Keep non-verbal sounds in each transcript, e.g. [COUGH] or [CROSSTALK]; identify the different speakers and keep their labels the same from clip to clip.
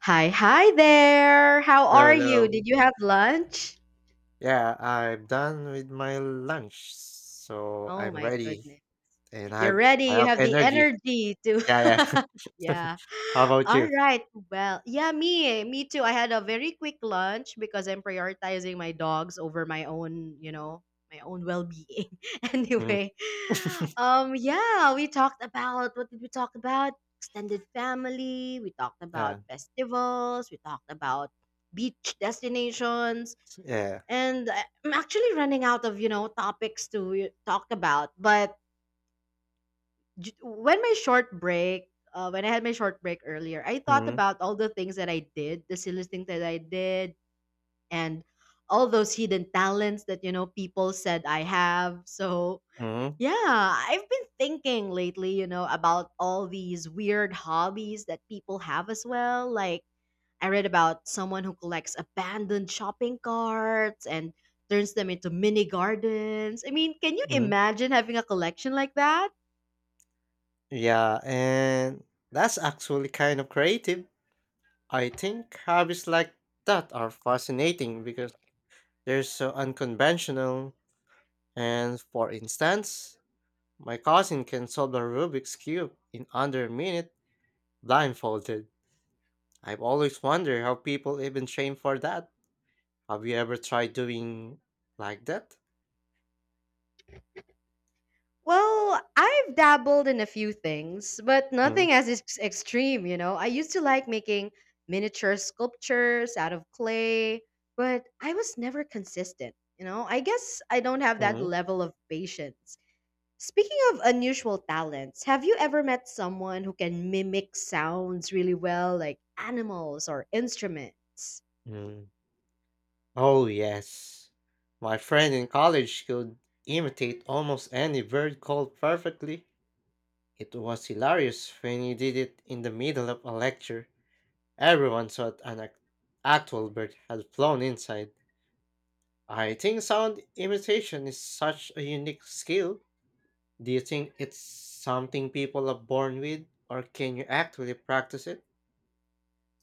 Speaker 1: Hi, hi there. How
Speaker 2: Hello,
Speaker 1: are you?
Speaker 2: hello.
Speaker 1: Did you have lunch?
Speaker 2: Yeah, I'm done with my lunch, so
Speaker 1: Oh
Speaker 2: I'm
Speaker 1: my
Speaker 2: ready
Speaker 1: goodness.
Speaker 2: and
Speaker 1: You're
Speaker 2: I
Speaker 1: ready.
Speaker 2: I
Speaker 1: You
Speaker 2: have
Speaker 1: have the
Speaker 2: energy.
Speaker 1: energy to
Speaker 2: Yeah,
Speaker 1: [LAUGHS]
Speaker 2: yeah. [LAUGHS]
Speaker 1: Yeah.
Speaker 2: How about
Speaker 1: All
Speaker 2: you?
Speaker 1: right. Well, yeah, me too. I had a very quick lunch because I'm prioritizing my dogs over my own, my own well-being. [LAUGHS]
Speaker 2: Mm,
Speaker 1: Anyway, yeah, we talked about what did we talk about? Extended family, we talked about
Speaker 2: yeah,
Speaker 1: festivals, we talked about beach destinations
Speaker 2: yeah.
Speaker 1: and I'm actually running out of topics to talk about. But when I had my short break earlier, I thought
Speaker 2: Mm,
Speaker 1: about all the things that I did, the silly things that I did, and all those hidden talents that people said I have. So
Speaker 2: mm,
Speaker 1: yeah, I've been thinking lately, about all these weird hobbies that people have as well, like I read about someone who collects abandoned shopping carts and turns them into mini gardens. I mean, can you
Speaker 2: mm.
Speaker 1: imagine having a collection like that?
Speaker 2: Yeah, and that's actually kind of creative. I think hobbies like that are fascinating because they're so unconventional. And for instance, my cousin can solve the Rubik's Cube in under a minute blindfolded. I've always wondered how people even train for that. Have you ever tried doing like that?
Speaker 1: Well, I've dabbled in a few things, but
Speaker 2: mm
Speaker 1: nothing as extreme. I used to like making miniature sculptures out of clay, but I was never consistent. I guess I don't have that
Speaker 2: mm
Speaker 1: level of patience. Speaking of unusual talents, have you ever met someone who can mimic sounds really well, like animals or instruments?
Speaker 2: mm. Oh, yes. My friend in college could imitate almost any bird call perfectly. It was hilarious when he did it in the middle of a lecture. Everyone thought actual bird had flown inside. I think sound imitation is such a unique skill. Do you think it's something people are born with, or can you actually practice it?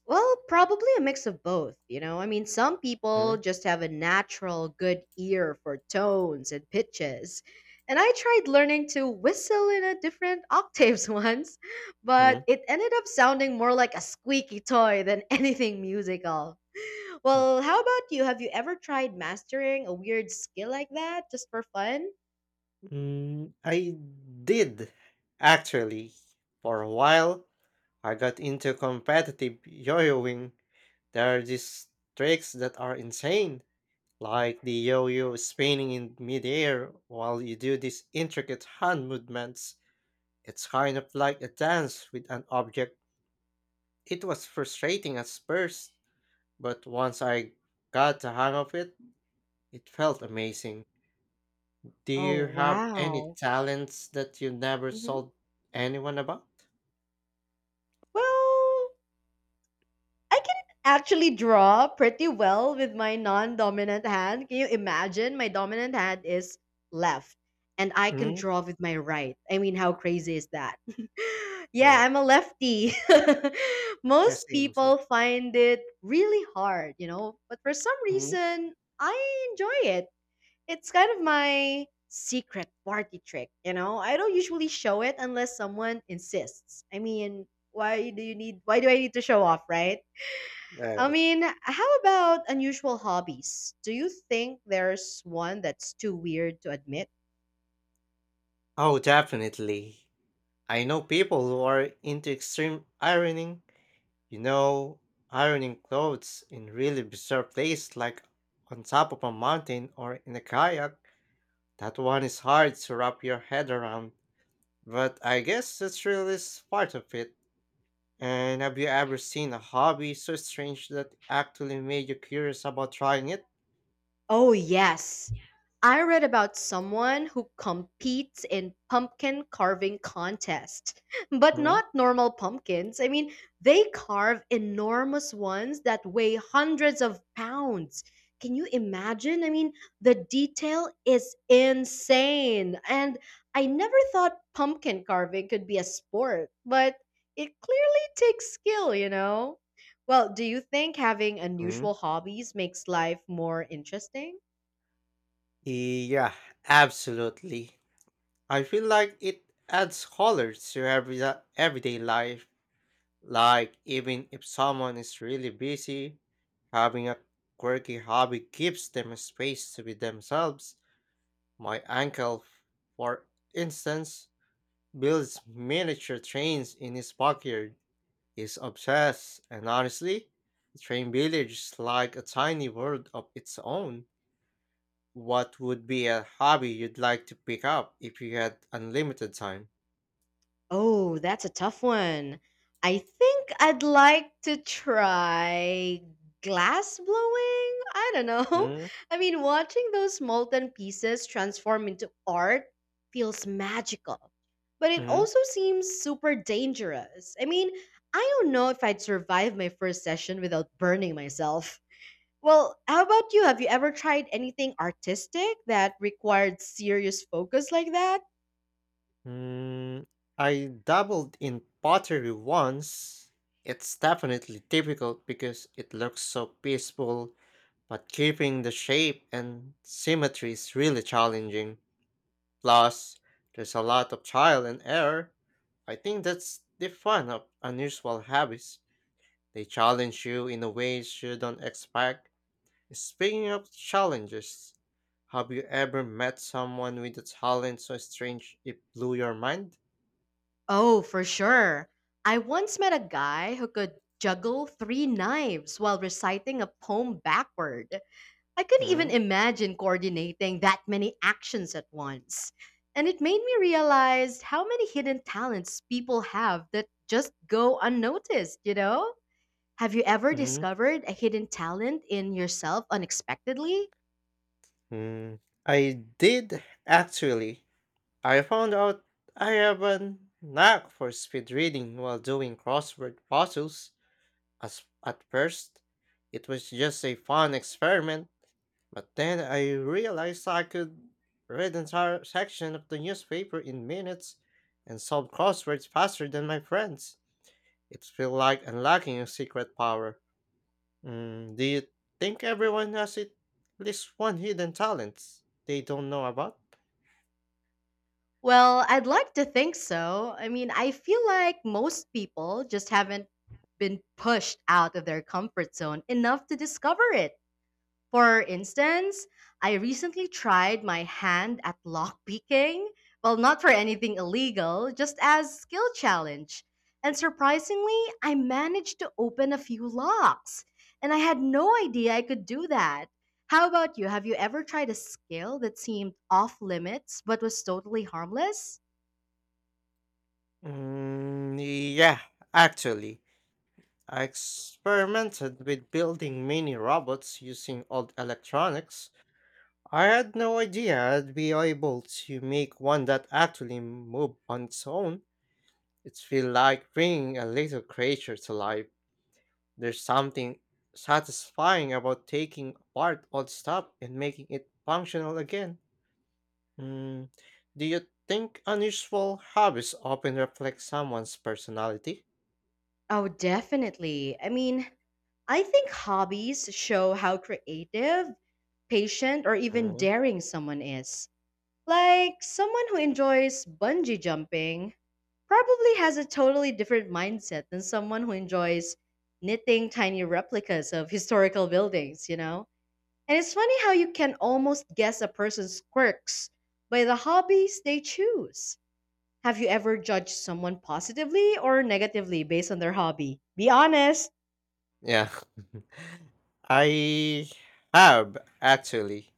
Speaker 1: Well, probably a mix of both. I mean, some people just have a natural good ear for tones and pitches. And I tried learning to whistle in a different octaves [LAUGHS] once,
Speaker 2: Mm-hmm.
Speaker 1: but it ended up sounding more like a squeaky toy than [LAUGHS] anything musical. Well, how about you? Have you ever tried mastering a weird skill like that just for fun?
Speaker 2: I did actually. For a while, I got into competitive yo-yoing. There are these tricks that are insane, like the yo-yo spinning in midair while you do these intricate hand movements. It's kind of like a dance with an object. It was frustrating at first, but once I got the hang of it, it felt amazing. Do
Speaker 1: Oh,
Speaker 2: you have any
Speaker 1: wow.
Speaker 2: talents that you never
Speaker 1: hmm
Speaker 2: told anyone about?
Speaker 1: Well, I can actually draw pretty well with my non dominant hand. Can you imagine? My dominant hand is left, and I can
Speaker 2: Mm,
Speaker 1: draw with my right. I mean, how crazy is that? [LAUGHS] Yeah,
Speaker 2: yeah,
Speaker 1: I'm a lefty. [LAUGHS]
Speaker 2: yeah,
Speaker 1: Most
Speaker 2: same, same.
Speaker 1: people find it really hard, but for some
Speaker 2: Mm,
Speaker 1: reason, I enjoy it. It's kind of my secret party trick. I don't usually show it unless someone insists. I mean, why do I need to show off, right?
Speaker 2: yeah.
Speaker 1: I mean, how about unusual hobbies? Do you think there's one that's too weird to admit?
Speaker 2: Oh, definitely. I know people who are into extreme ironing. You know, ironing clothes in really bizarre places like on top of a mountain or in a kayak. That one is hard to wrap your head around, but I guess that's part of it. And have you ever seen a hobby so strange that actually made you curious about trying it?
Speaker 1: Oh, yes. I read about someone who competes in pumpkin carving contest, [LAUGHS] but
Speaker 2: Mm-hmm.
Speaker 1: not normal pumpkins. I mean, they carve enormous ones that weigh hundreds of pounds. Can you imagine? I mean, the detail is insane. And I never thought pumpkin carving could be a sport, but it clearly takes skill. Well, do you think having unusual hobbies makes life more interesting?
Speaker 2: Yeah, absolutely. I feel like it adds color to everyday life. Like even if someone is really busy, having a quirky hobby gives them a space to be themselves. My uncle, for instance, builds miniature trains in his backyard. He's obsessed, and honestly, the train village is like a tiny world of its own. What would be a hobby you'd like to pick up if you had unlimited time?
Speaker 1: Oh, that's a tough one. I think I'd like to try glass blowing. I don't know.
Speaker 2: Mm-hmm.
Speaker 1: [LAUGHS] I mean, watching those molten pieces transform into art feels magical, but it
Speaker 2: Mm,
Speaker 1: also seems super dangerous. I mean, I don't know if I'd survive my first session without burning myself. Well, how about you? Have you ever tried anything artistic that required serious focus like that?
Speaker 2: mm. I dabbled in pottery once. It's definitely difficult because it looks so peaceful, but keeping the shape and symmetry is really challenging. Plus, there's a lot of trial and error. I think that's the fun of unusual habits. They challenge you in a ways you don't expect. Speaking of challenges, have you ever met someone with a talent so strange it blew your mind?
Speaker 1: Oh, for sure. I once met a guy who could juggle three knives while reciting a poem backward. I couldn't even
Speaker 2: Mm,
Speaker 1: imagine coordinating that many actions at once. And it made me realize how many hidden talents people have that just go unnoticed. Have you ever
Speaker 2: mm,
Speaker 1: discovered a hidden talent in yourself unexpectedly?
Speaker 2: mm. I did actually. I found out I have a knack for speed reading while doing crossword puzzles. As at first, it was just a fun experiment, but then I realized I could read entire section of the newspaper in minutes and solve crosswords faster than my friends. It felt like unlocking a secret power. Do you think everyone has at least one hidden talent they don't know about?
Speaker 1: Well, I'd like to think so. I mean, I feel like most people just haven't been pushed out of their comfort zone enough to discover it. For instance, I recently tried my hand at lockpicking. Well, not for anything illegal, just as skill challenge. And surprisingly, I managed to open a few locks. And I had no idea I could do that. How about you? Have you ever tried a skill that seemed off limits but was totally harmless?
Speaker 2: Mm, yeah, actually, I experimented with building mini robots using old electronics. I had no idea I'd be able to make one that actually moved on its own. It feels like bringing a little creature to life. There's something satisfying about taking apart old stuff and making it functional again. Mm, do you think unusual hobbies often reflect someone's personality?
Speaker 1: Oh, definitely. I mean, I think hobbies show how creative, patient, or even
Speaker 2: Mm,
Speaker 1: daring someone is. Like, someone who enjoys bungee jumping probably has a totally different mindset than someone who enjoys knitting tiny replicas of [LAUGHS] historical buildings. And it's funny how you can almost guess a person's quirks by the hobbies they choose. Have you ever judged someone positively or negatively based on their hobby? Be honest.
Speaker 2: Yeah. I have actually.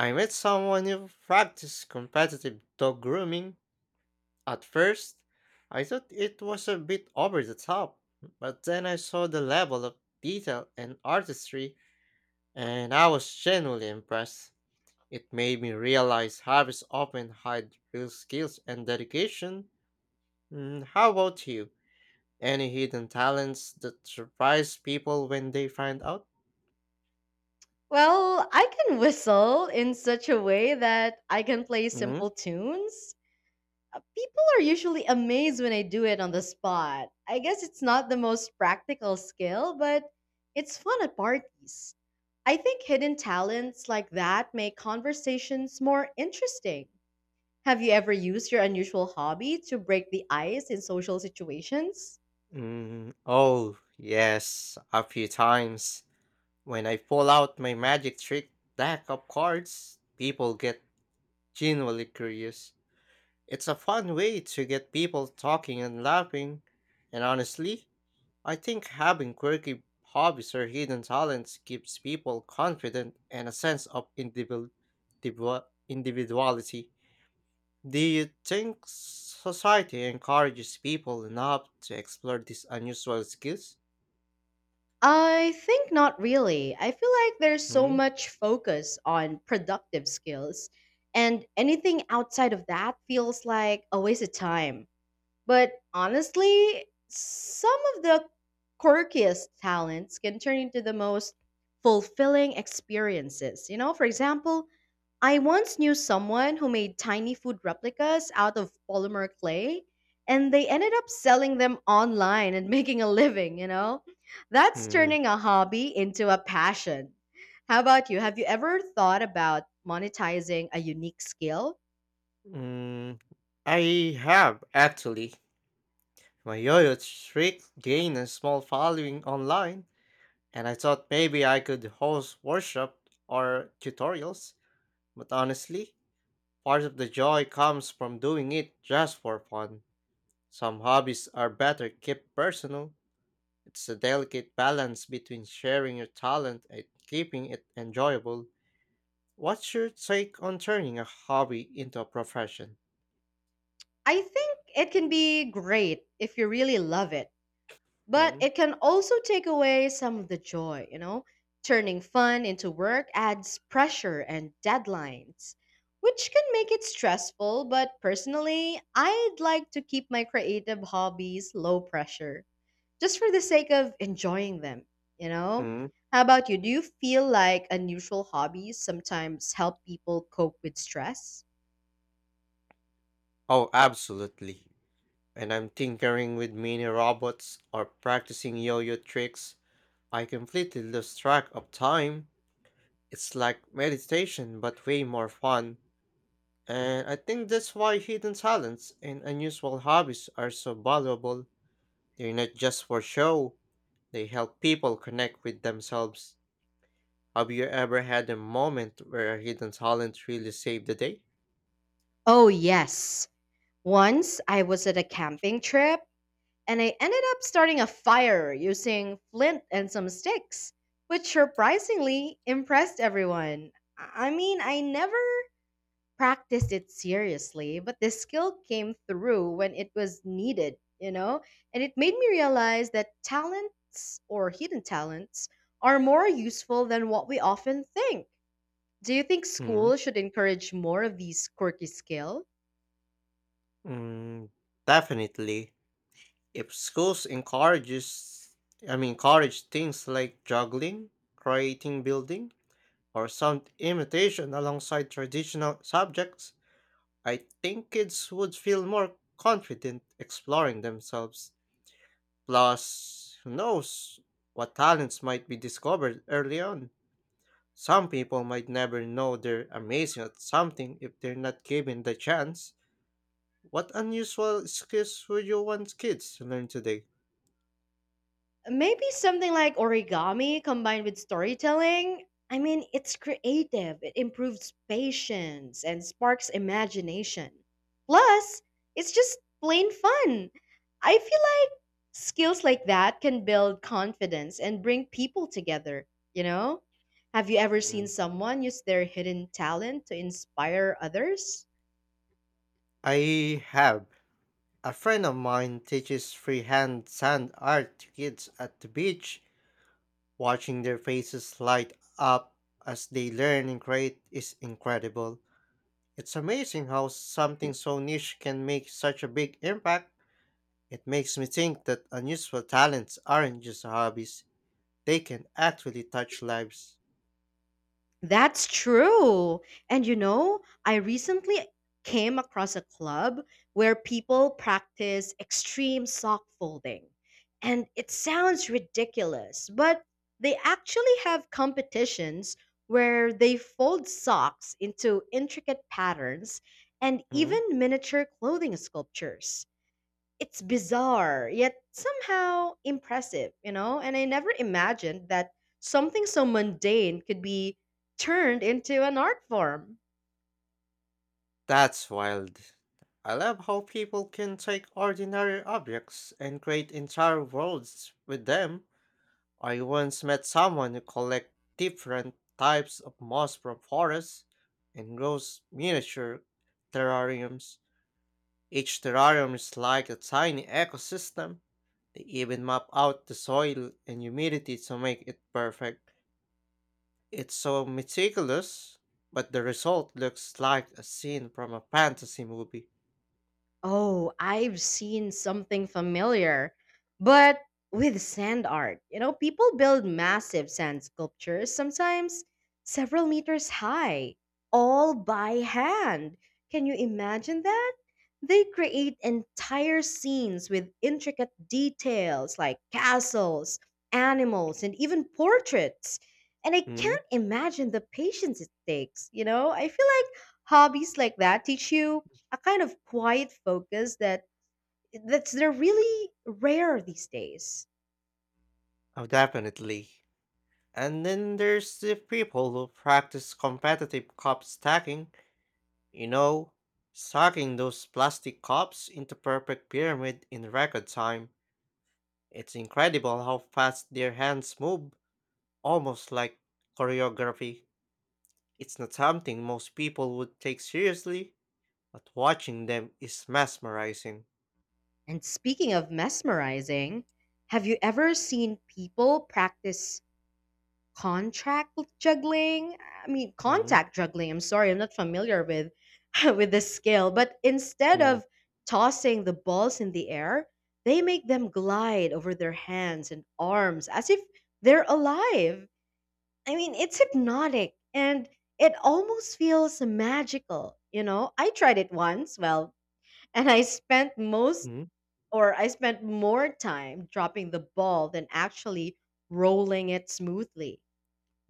Speaker 2: I met someone who practiced competitive dog grooming. At first, I thought it was a bit over the top, but then I saw the level of detail and artistry, and I was genuinely impressed. It made me realize hobbies often hide real skills and dedication. How about you? Any hidden talents that surprise people when they find out?
Speaker 1: Well, I can whistle in such a way that I can play simple tunes. People are usually amazed when I do it on the spot. I guess it's not the most practical skill, but it's fun at parties. I think hidden talents like that make conversations more interesting. Have you ever used your unusual hobby to break the ice in social situations?
Speaker 2: Oh, yes, a few times. When I pull out my magic trick deck of cards, people get genuinely curious. It's a fun way to get people talking and laughing. And honestly, I think having quirky hobbies or hidden talents gives people confidence and a sense of individuality. Do you think society encourages people enough to explore these unusual skills?
Speaker 1: I think not really. I feel like there's so
Speaker 2: Hmm?
Speaker 1: much focus on productive skills, and anything outside of that feels like a waste of time. But honestly, some of the quirkiest talents can turn into the most fulfilling experiences. You know, for example, I once knew someone who made tiny food replicas out of polymer clay, and they ended up selling them online and [LAUGHS] making a living. That's
Speaker 2: Hmm.
Speaker 1: turning a hobby into a passion. How about you? Have you ever thought about monetizing a unique skill?
Speaker 2: mm, I have actually. My yo-yo trick gained a small following online, and I thought maybe I could host workshop or tutorials. But honestly, part of the joy comes from doing it just for fun. Some hobbies are better kept personal. It's a delicate balance between sharing your talent and keeping it enjoyable. What's your take on turning a hobby into a profession?
Speaker 1: I think it can be great if you really love it. But it can also take away some of the joy. Turning fun into work adds pressure and deadlines, which can make it stressful. But personally, I'd like to keep my creative hobbies low pressure just for the sake of enjoying them, you know?
Speaker 2: Mm?
Speaker 1: How about you? Do you feel like unusual hobbies sometimes help people cope with stress?
Speaker 2: Oh, absolutely. And I'm tinkering with mini robots or practicing yo yo tricks. I completely lose track of time. It's like meditation, but way more fun. And I think that's why hidden talents and unusual hobbies are so valuable. They're not just for show, they help people connect with themselves. Have you ever had a moment where a hidden talent really saved the day?
Speaker 1: Oh, yes. Once I was at a camping trip and I ended up starting a fire using flint and some sticks, which surprisingly impressed everyone. I mean, I never practiced it seriously, but the skill came through when it was needed. And it made me realize that talents or hidden talents are more useful than what we often think. Do you think
Speaker 2: Hmm.
Speaker 1: school should encourage more of these quirky skills?
Speaker 2: mm, definitely. If schools encourages, I mean, encourage things like juggling, creating building, or some imitation alongside traditional subjects, I think kids would feel more confident exploring themselves. Plus, who knows what talents might be discovered early on. Some people might never know they're amazing at something if they're not given the chance. What unusual skills would you want kids to learn today?
Speaker 1: Maybe something like origami combined with storytelling. I mean, it's creative, it improves patience and sparks imagination. Plus, it's just plain fun. I feel like skills like that can build confidence and bring people together, you know? Have you ever seen
Speaker 2: Mm,
Speaker 1: someone use their hidden talent to inspire others?
Speaker 2: I have. A friend of mine teaches freehand sand art to kids at the beach. Watching their faces light up as they learn and create is incredible. It's amazing how something so niche can make such a big impact. It makes me think that unusual talents aren't just hobbies, they can actually touch lives.
Speaker 1: That's true. And I recently came across a club where people practice extreme sock folding. And it sounds ridiculous, but they actually have competitions where they fold socks into intricate patterns and
Speaker 2: Mm-hmm.
Speaker 1: even miniature clothing sculptures. It's bizarre, yet somehow impressive. And I never imagined that something so mundane could be turned into an art form.
Speaker 2: That's wild. I love how people can take ordinary objects and create entire worlds with them. I once met someone who collects different types of moss from forests and grows miniature terrariums. Each terrarium is like a tiny ecosystem. They even map out the soil and humidity to make it perfect. It's so meticulous, but the result looks like a scene from a fantasy movie.
Speaker 1: Oh, I've seen something familiar, but with sand art. You know, people build massive sand sculptures, sometimes several meters high, all by hand. Can you imagine that? They create entire scenes with intricate details like castles, animals, and even portraits. And I
Speaker 2: Hmm?
Speaker 1: can't imagine the patience it takes. I feel like hobbies like that teach you a kind of quiet focus that that's they're really rare these days.
Speaker 2: Oh, definitely. And then there's the people who practice competitive cup stacking. You know, stacking those plastic cups into perfect pyramid in record time. It's incredible how fast their hands move, almost like choreography. It's not something most people would take seriously, but watching them is mesmerizing.
Speaker 1: And speaking of mesmerizing, have you ever seen people practice contract juggling? I mean,
Speaker 2: Mm-hmm.
Speaker 1: contact juggling. I'm sorry, I'm not familiar with [LAUGHS] with this skill, but instead of tossing the balls in the air, they make them glide over their hands and arms as if they're alive. I mean, it's hypnotic and it almost feels magical. I tried it once, well, and
Speaker 2: Mm-hmm.
Speaker 1: I spent more time dropping the ball than actually rolling it smoothly.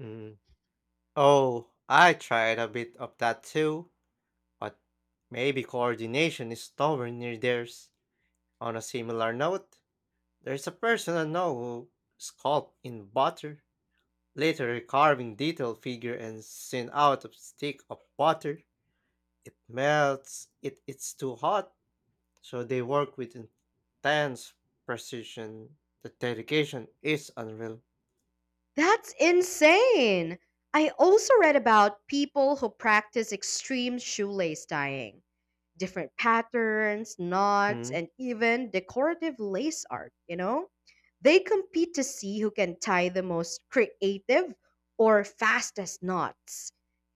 Speaker 2: Mm-hmm. Oh, I tried a bit of that too. But maybe coordination is nowhere near theirs. On a similar note, there's a person I know who sculpted in butter, later carving detailed figure and sent out a stick of butter. It melts, it's too hot, so they work with intense precision. The dedication is unreal.
Speaker 1: That's insane. I also read about people who practice extreme shoelace tying, different patterns, knots,
Speaker 2: Hmm.
Speaker 1: and even decorative lace art. They compete to see who can tie the most creative or fastest knots.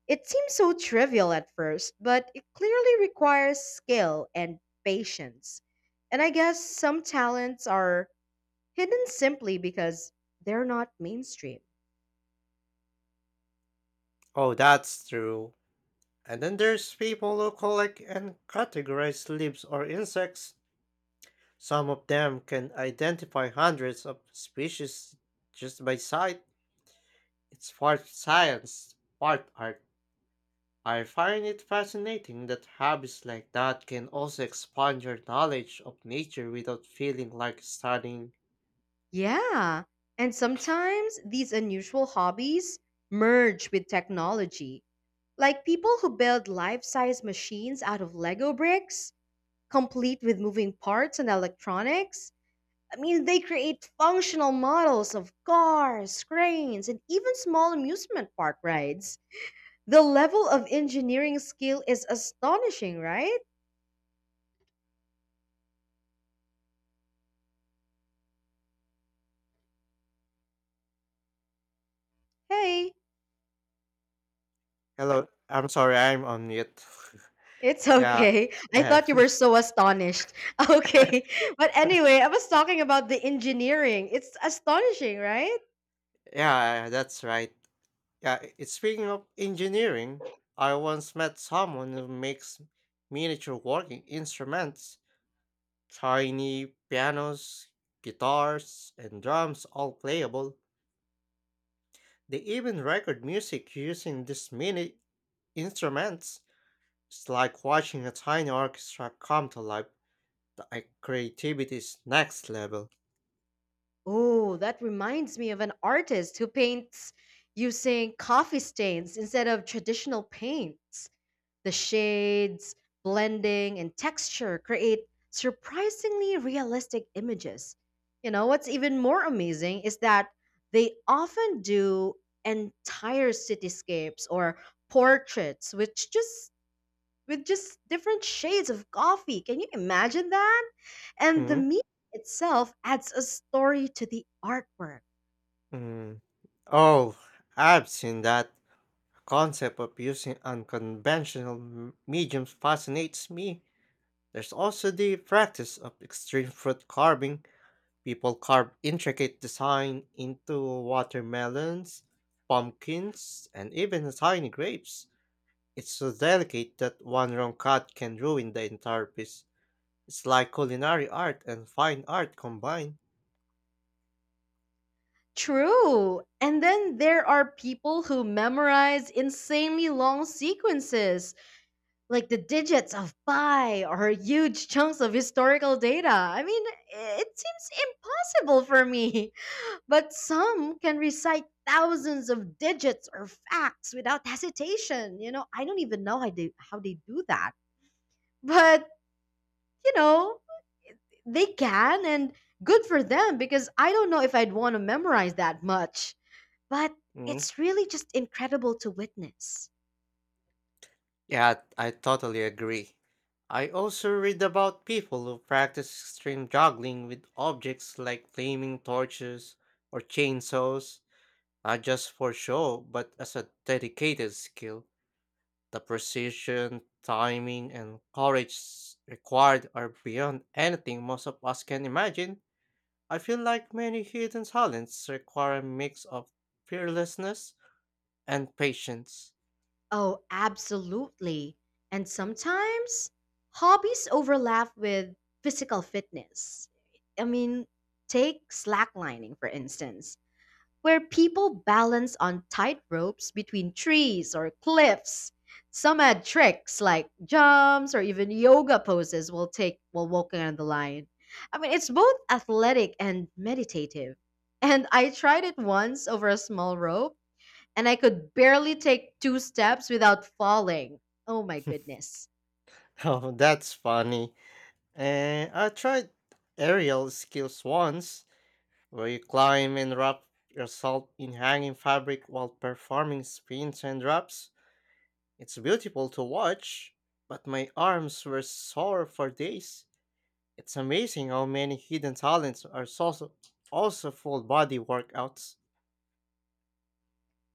Speaker 1: It seems so trivial at first, but it clearly requires skill and patience. And I guess some talents are hidden simply because they're not mainstream.
Speaker 2: Oh, that's true. And then there's people who collect and categorize leaves or insects. Some of them can identify hundreds of species just by sight. It's part science, part art. I find it fascinating that hobbies like that can also expand your knowledge of nature without feeling like studying.
Speaker 1: Yeah. And sometimes these unusual hobbies merge with technology. Like people who build life-size machines out of Lego bricks, complete with moving parts and electronics. I mean, they create functional models of cars, cranes, and even small amusement park rides. The level of engineering skill is astonishing, right? Hey,
Speaker 2: Hello, I'm sorry, I'm on mute.
Speaker 1: it's [LAUGHS]
Speaker 2: [LAUGHS] yeah,
Speaker 1: okay. I
Speaker 2: yeah,
Speaker 1: thought you were
Speaker 2: [LAUGHS]
Speaker 1: so astonished. [LAUGHS] Okay. But anyway, I was talking about the engineering. It's astonishing, right?
Speaker 2: yeah, that's right. Speaking of engineering, I once met someone who makes miniature working instruments. Tiny pianos, guitars, and drums all playable. They even record music using these mini instruments. It's like watching a tiny orchestra come to life. Creativity is next level.
Speaker 1: Oh, that reminds me of an artist who paints using coffee stains instead of traditional paints. The shades, blending, and texture create surprisingly realistic images. You know, what's even more amazing is that they often do entire cityscapes or portraits, which just with just different shades of coffee. Can you imagine that? And the
Speaker 2: mm
Speaker 1: meat itself adds a story to the artwork.
Speaker 2: mm. Oh, I've seen that. The concept of using mediums fascinates me. There's also the practice of extreme fruit carving. People carve intricate design into watermelons, pumpkins, and even tiny grapes. It's so delicate that one wrong cut can ruin the entire piece. It's like culinary art and fine art combined.
Speaker 1: True. And then there are people who memorize insanely long sequences, like the digits of pi or huge chunks of historical data. It seems impossible for me. [LAUGHS] But some can recite thousands of digits or facts without hesitation. I don't even know how they do that. But, you know, they can, and good for them, because I don't know if I'd want to memorize that much. But
Speaker 2: Mm.
Speaker 1: it's really just incredible to witness.
Speaker 2: Yeah, I totally agree. I also read about people who practice extreme juggling with objects like flaming torches or chainsaws, not just for show, but as a dedicated skill. The precision, timing, and required are beyond anything most of us can imagine. I feel like many hidden talents require a mix of fearlessness and patience.
Speaker 1: Oh, absolutely. And sometimes hobbies overlap with physical fitness. I mean, take slacklining, for instance, where people balance on tight ropes between trees or cliffs. Some add tricks like jumps or even yoga poses while walking on the line. It's both athletic and meditative. And I tried it once over a small rope, and I could barely take two steps without falling. Oh my goodness.
Speaker 2: [LAUGHS] Oh, that's funny. And I tried aerial skills once, where you climb and wrap yourself in hanging fabric while performing spins and drops. It's beautiful to watch, but my arms were sore for days. It's amazing how many hidden talents are also full body workouts.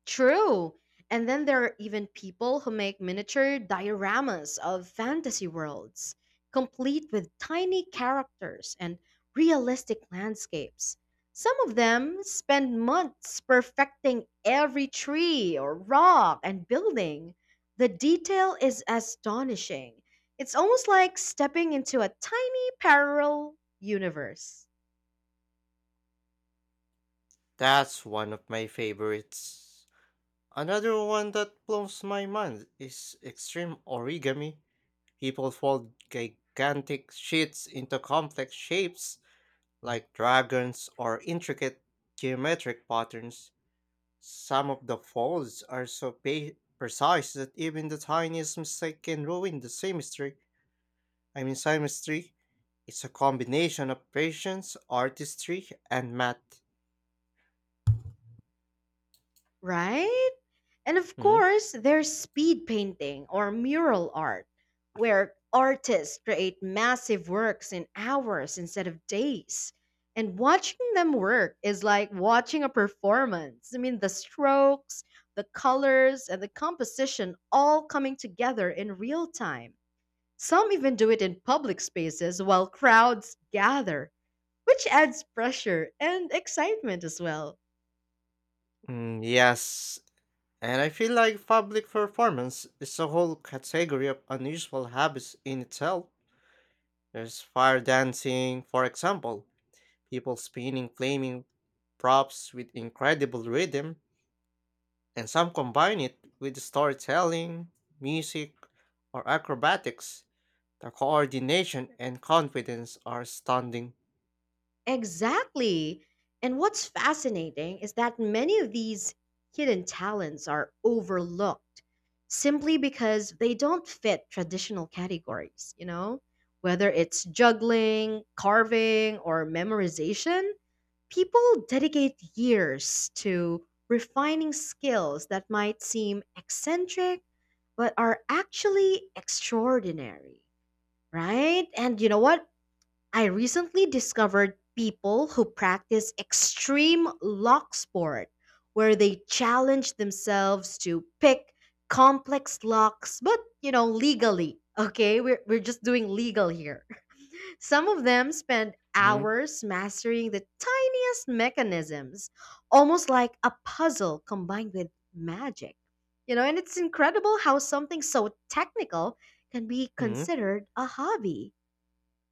Speaker 1: True. And then there are even people who make miniature dioramas of fantasy worlds, complete with tiny characters and realistic landscapes. Some of them spend months perfecting every tree or rock and building. The detail is astonishing. It's almost like stepping into a tiny parallel universe.
Speaker 2: That's one of my favorites. Another one that blows my mind is extreme origami. People fold gigantic sheets into complex shapes like dragons or intricate geometric patterns. Some of the folds are so precise that even the tiniest mistake can ruin the symmetry. I mean, chemistry is a combination of patience, artistry, and math.
Speaker 1: Right? And of
Speaker 2: Hmm?
Speaker 1: course, there's speed painting or mural art, where artists create massive works in hours instead of days. And watching them work is like watching a performance. The strokes, the colors, and the composition all coming together in real time. Some even do it in public spaces while crowds gather, which adds pressure and excitement as well.
Speaker 2: Yes, and I feel like public performance is a whole category of unusual habits in itself. There's fire dancing, for example, people spinning flaming props with incredible rhythm, and some combine it with storytelling, music, or acrobatics. The coordination and confidence are stunning.
Speaker 1: Exactly. And what's fascinating is that many of these hidden talents are overlooked simply because they don't fit traditional categories, you know? Whether it's juggling, carving, or memorization, people dedicate years to refining skills that might seem eccentric but are actually extraordinary, right? And you know what? I recently discovered people who practice extreme lock sport, where they challenge themselves to pick complex locks, but you know, legally. Okay, we're just doing legal here. [LAUGHS] Some of them spend
Speaker 2: Hmm?
Speaker 1: hours mastering the tiniest mechanisms, almost like a puzzle combined with magic. You know, and it's incredible how something so technical can be considered a hobby.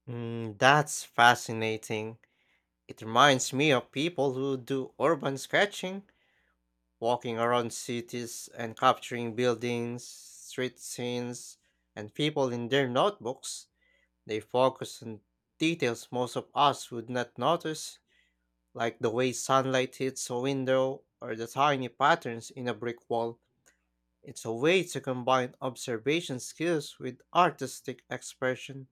Speaker 2: That's fascinating. It reminds me of people who do urban sketching, walking around cities and capturing buildings, street scenes, and people in their notebooks. They focus on details most of us would not notice, like the way sunlight hits a window or the tiny patterns in a brick wall. It's a way to combine observation skills with artistic expression.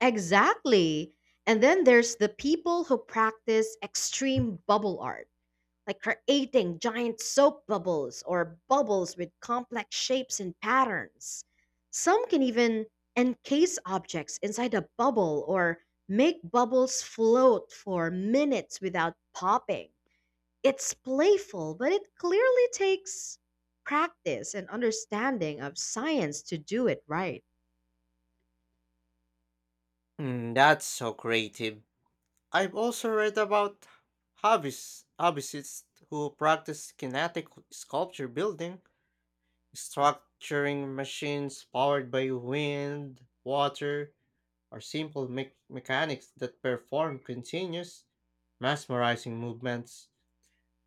Speaker 1: Exactly. And then there's the people who practice extreme bubble art, like creating giant soap bubbles or bubbles with complex shapes and patterns. Some can even encase objects inside a bubble or make bubbles float for minutes without popping. It's playful, but it clearly takes practice and understanding of science to do it right.
Speaker 2: That's so creative. I've also read about hobbyists who practice kinetic sculpture building, structuring machines powered by wind, water, or mechanics that perform continuous, mesmerizing movements.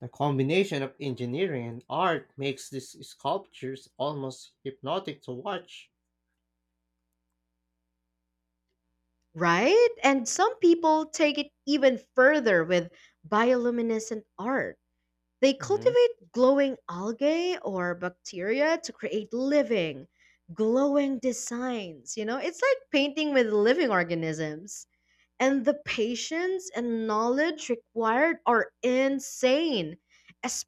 Speaker 2: The combination of engineering and art makes these sculptures almost hypnotic to watch.
Speaker 1: Right? And some people take it even further with bioluminescent art. They
Speaker 2: hmm
Speaker 1: cultivate glowing algae or bacteria to create living, glowing designs. You know, it's like painting with living organisms. And the patience and knowledge required are insane,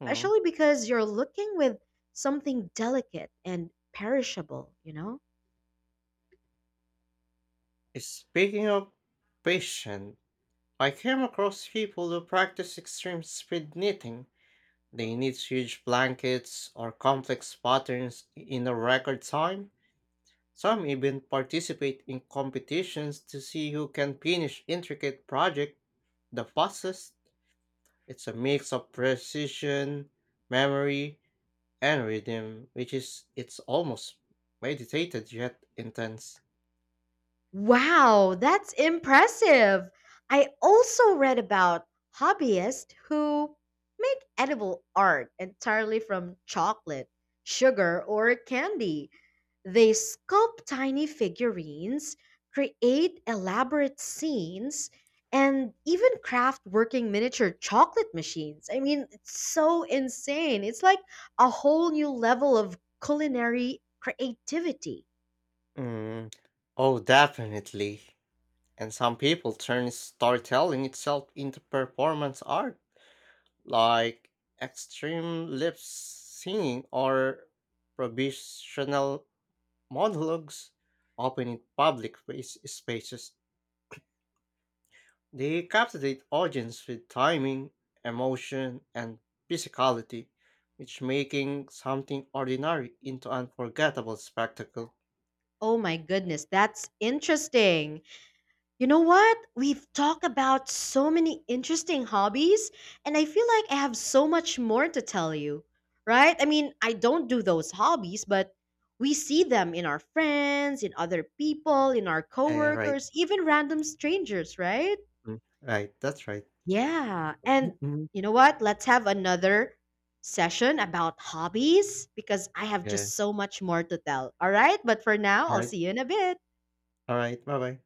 Speaker 2: Mm.
Speaker 1: because you're looking with something delicate and perishable, you know?
Speaker 2: Speaking of patience, I came across people who practice extreme speed knitting. They knit huge blankets or complex patterns in a record time. Some even participate in competitions to see who can finish intricate project the fastest. It's a mix of precision, memory, and rhythm, which is it's almost meditated yet intense.
Speaker 1: Wow, that's impressive. I also read about hobbyists who make edible art entirely from chocolate, sugar, or candy. They sculpt tiny figurines, create elaborate scenes, and even craft working miniature chocolate machines. It's so insane. It's like a whole new level of culinary creativity.
Speaker 2: Mm. Oh, definitely. And some people turn storytelling itself into performance art, like extreme lip singing or provisional monologues, often in spaces. They captivate audience with timing, emotion, and physicality, which making something ordinary into unforgettable spectacle.
Speaker 1: Oh my goodness, that's interesting. You know what? We've talked about so many interesting hobbies, and I feel like I have so much more to tell you, right? I don't do those hobbies, but we see them in our friends, in other people, in our
Speaker 2: Right.
Speaker 1: coworkers, even random strangers, right?
Speaker 2: Right, that's right.
Speaker 1: Yeah. And
Speaker 2: Mhm.
Speaker 1: you know what? Let's have another session about hobbies because I have
Speaker 2: Yeah.
Speaker 1: just so much more to tell. All right. But for now,
Speaker 2: All
Speaker 1: I'll
Speaker 2: right.
Speaker 1: see you in a bit.
Speaker 2: All right. Bye bye.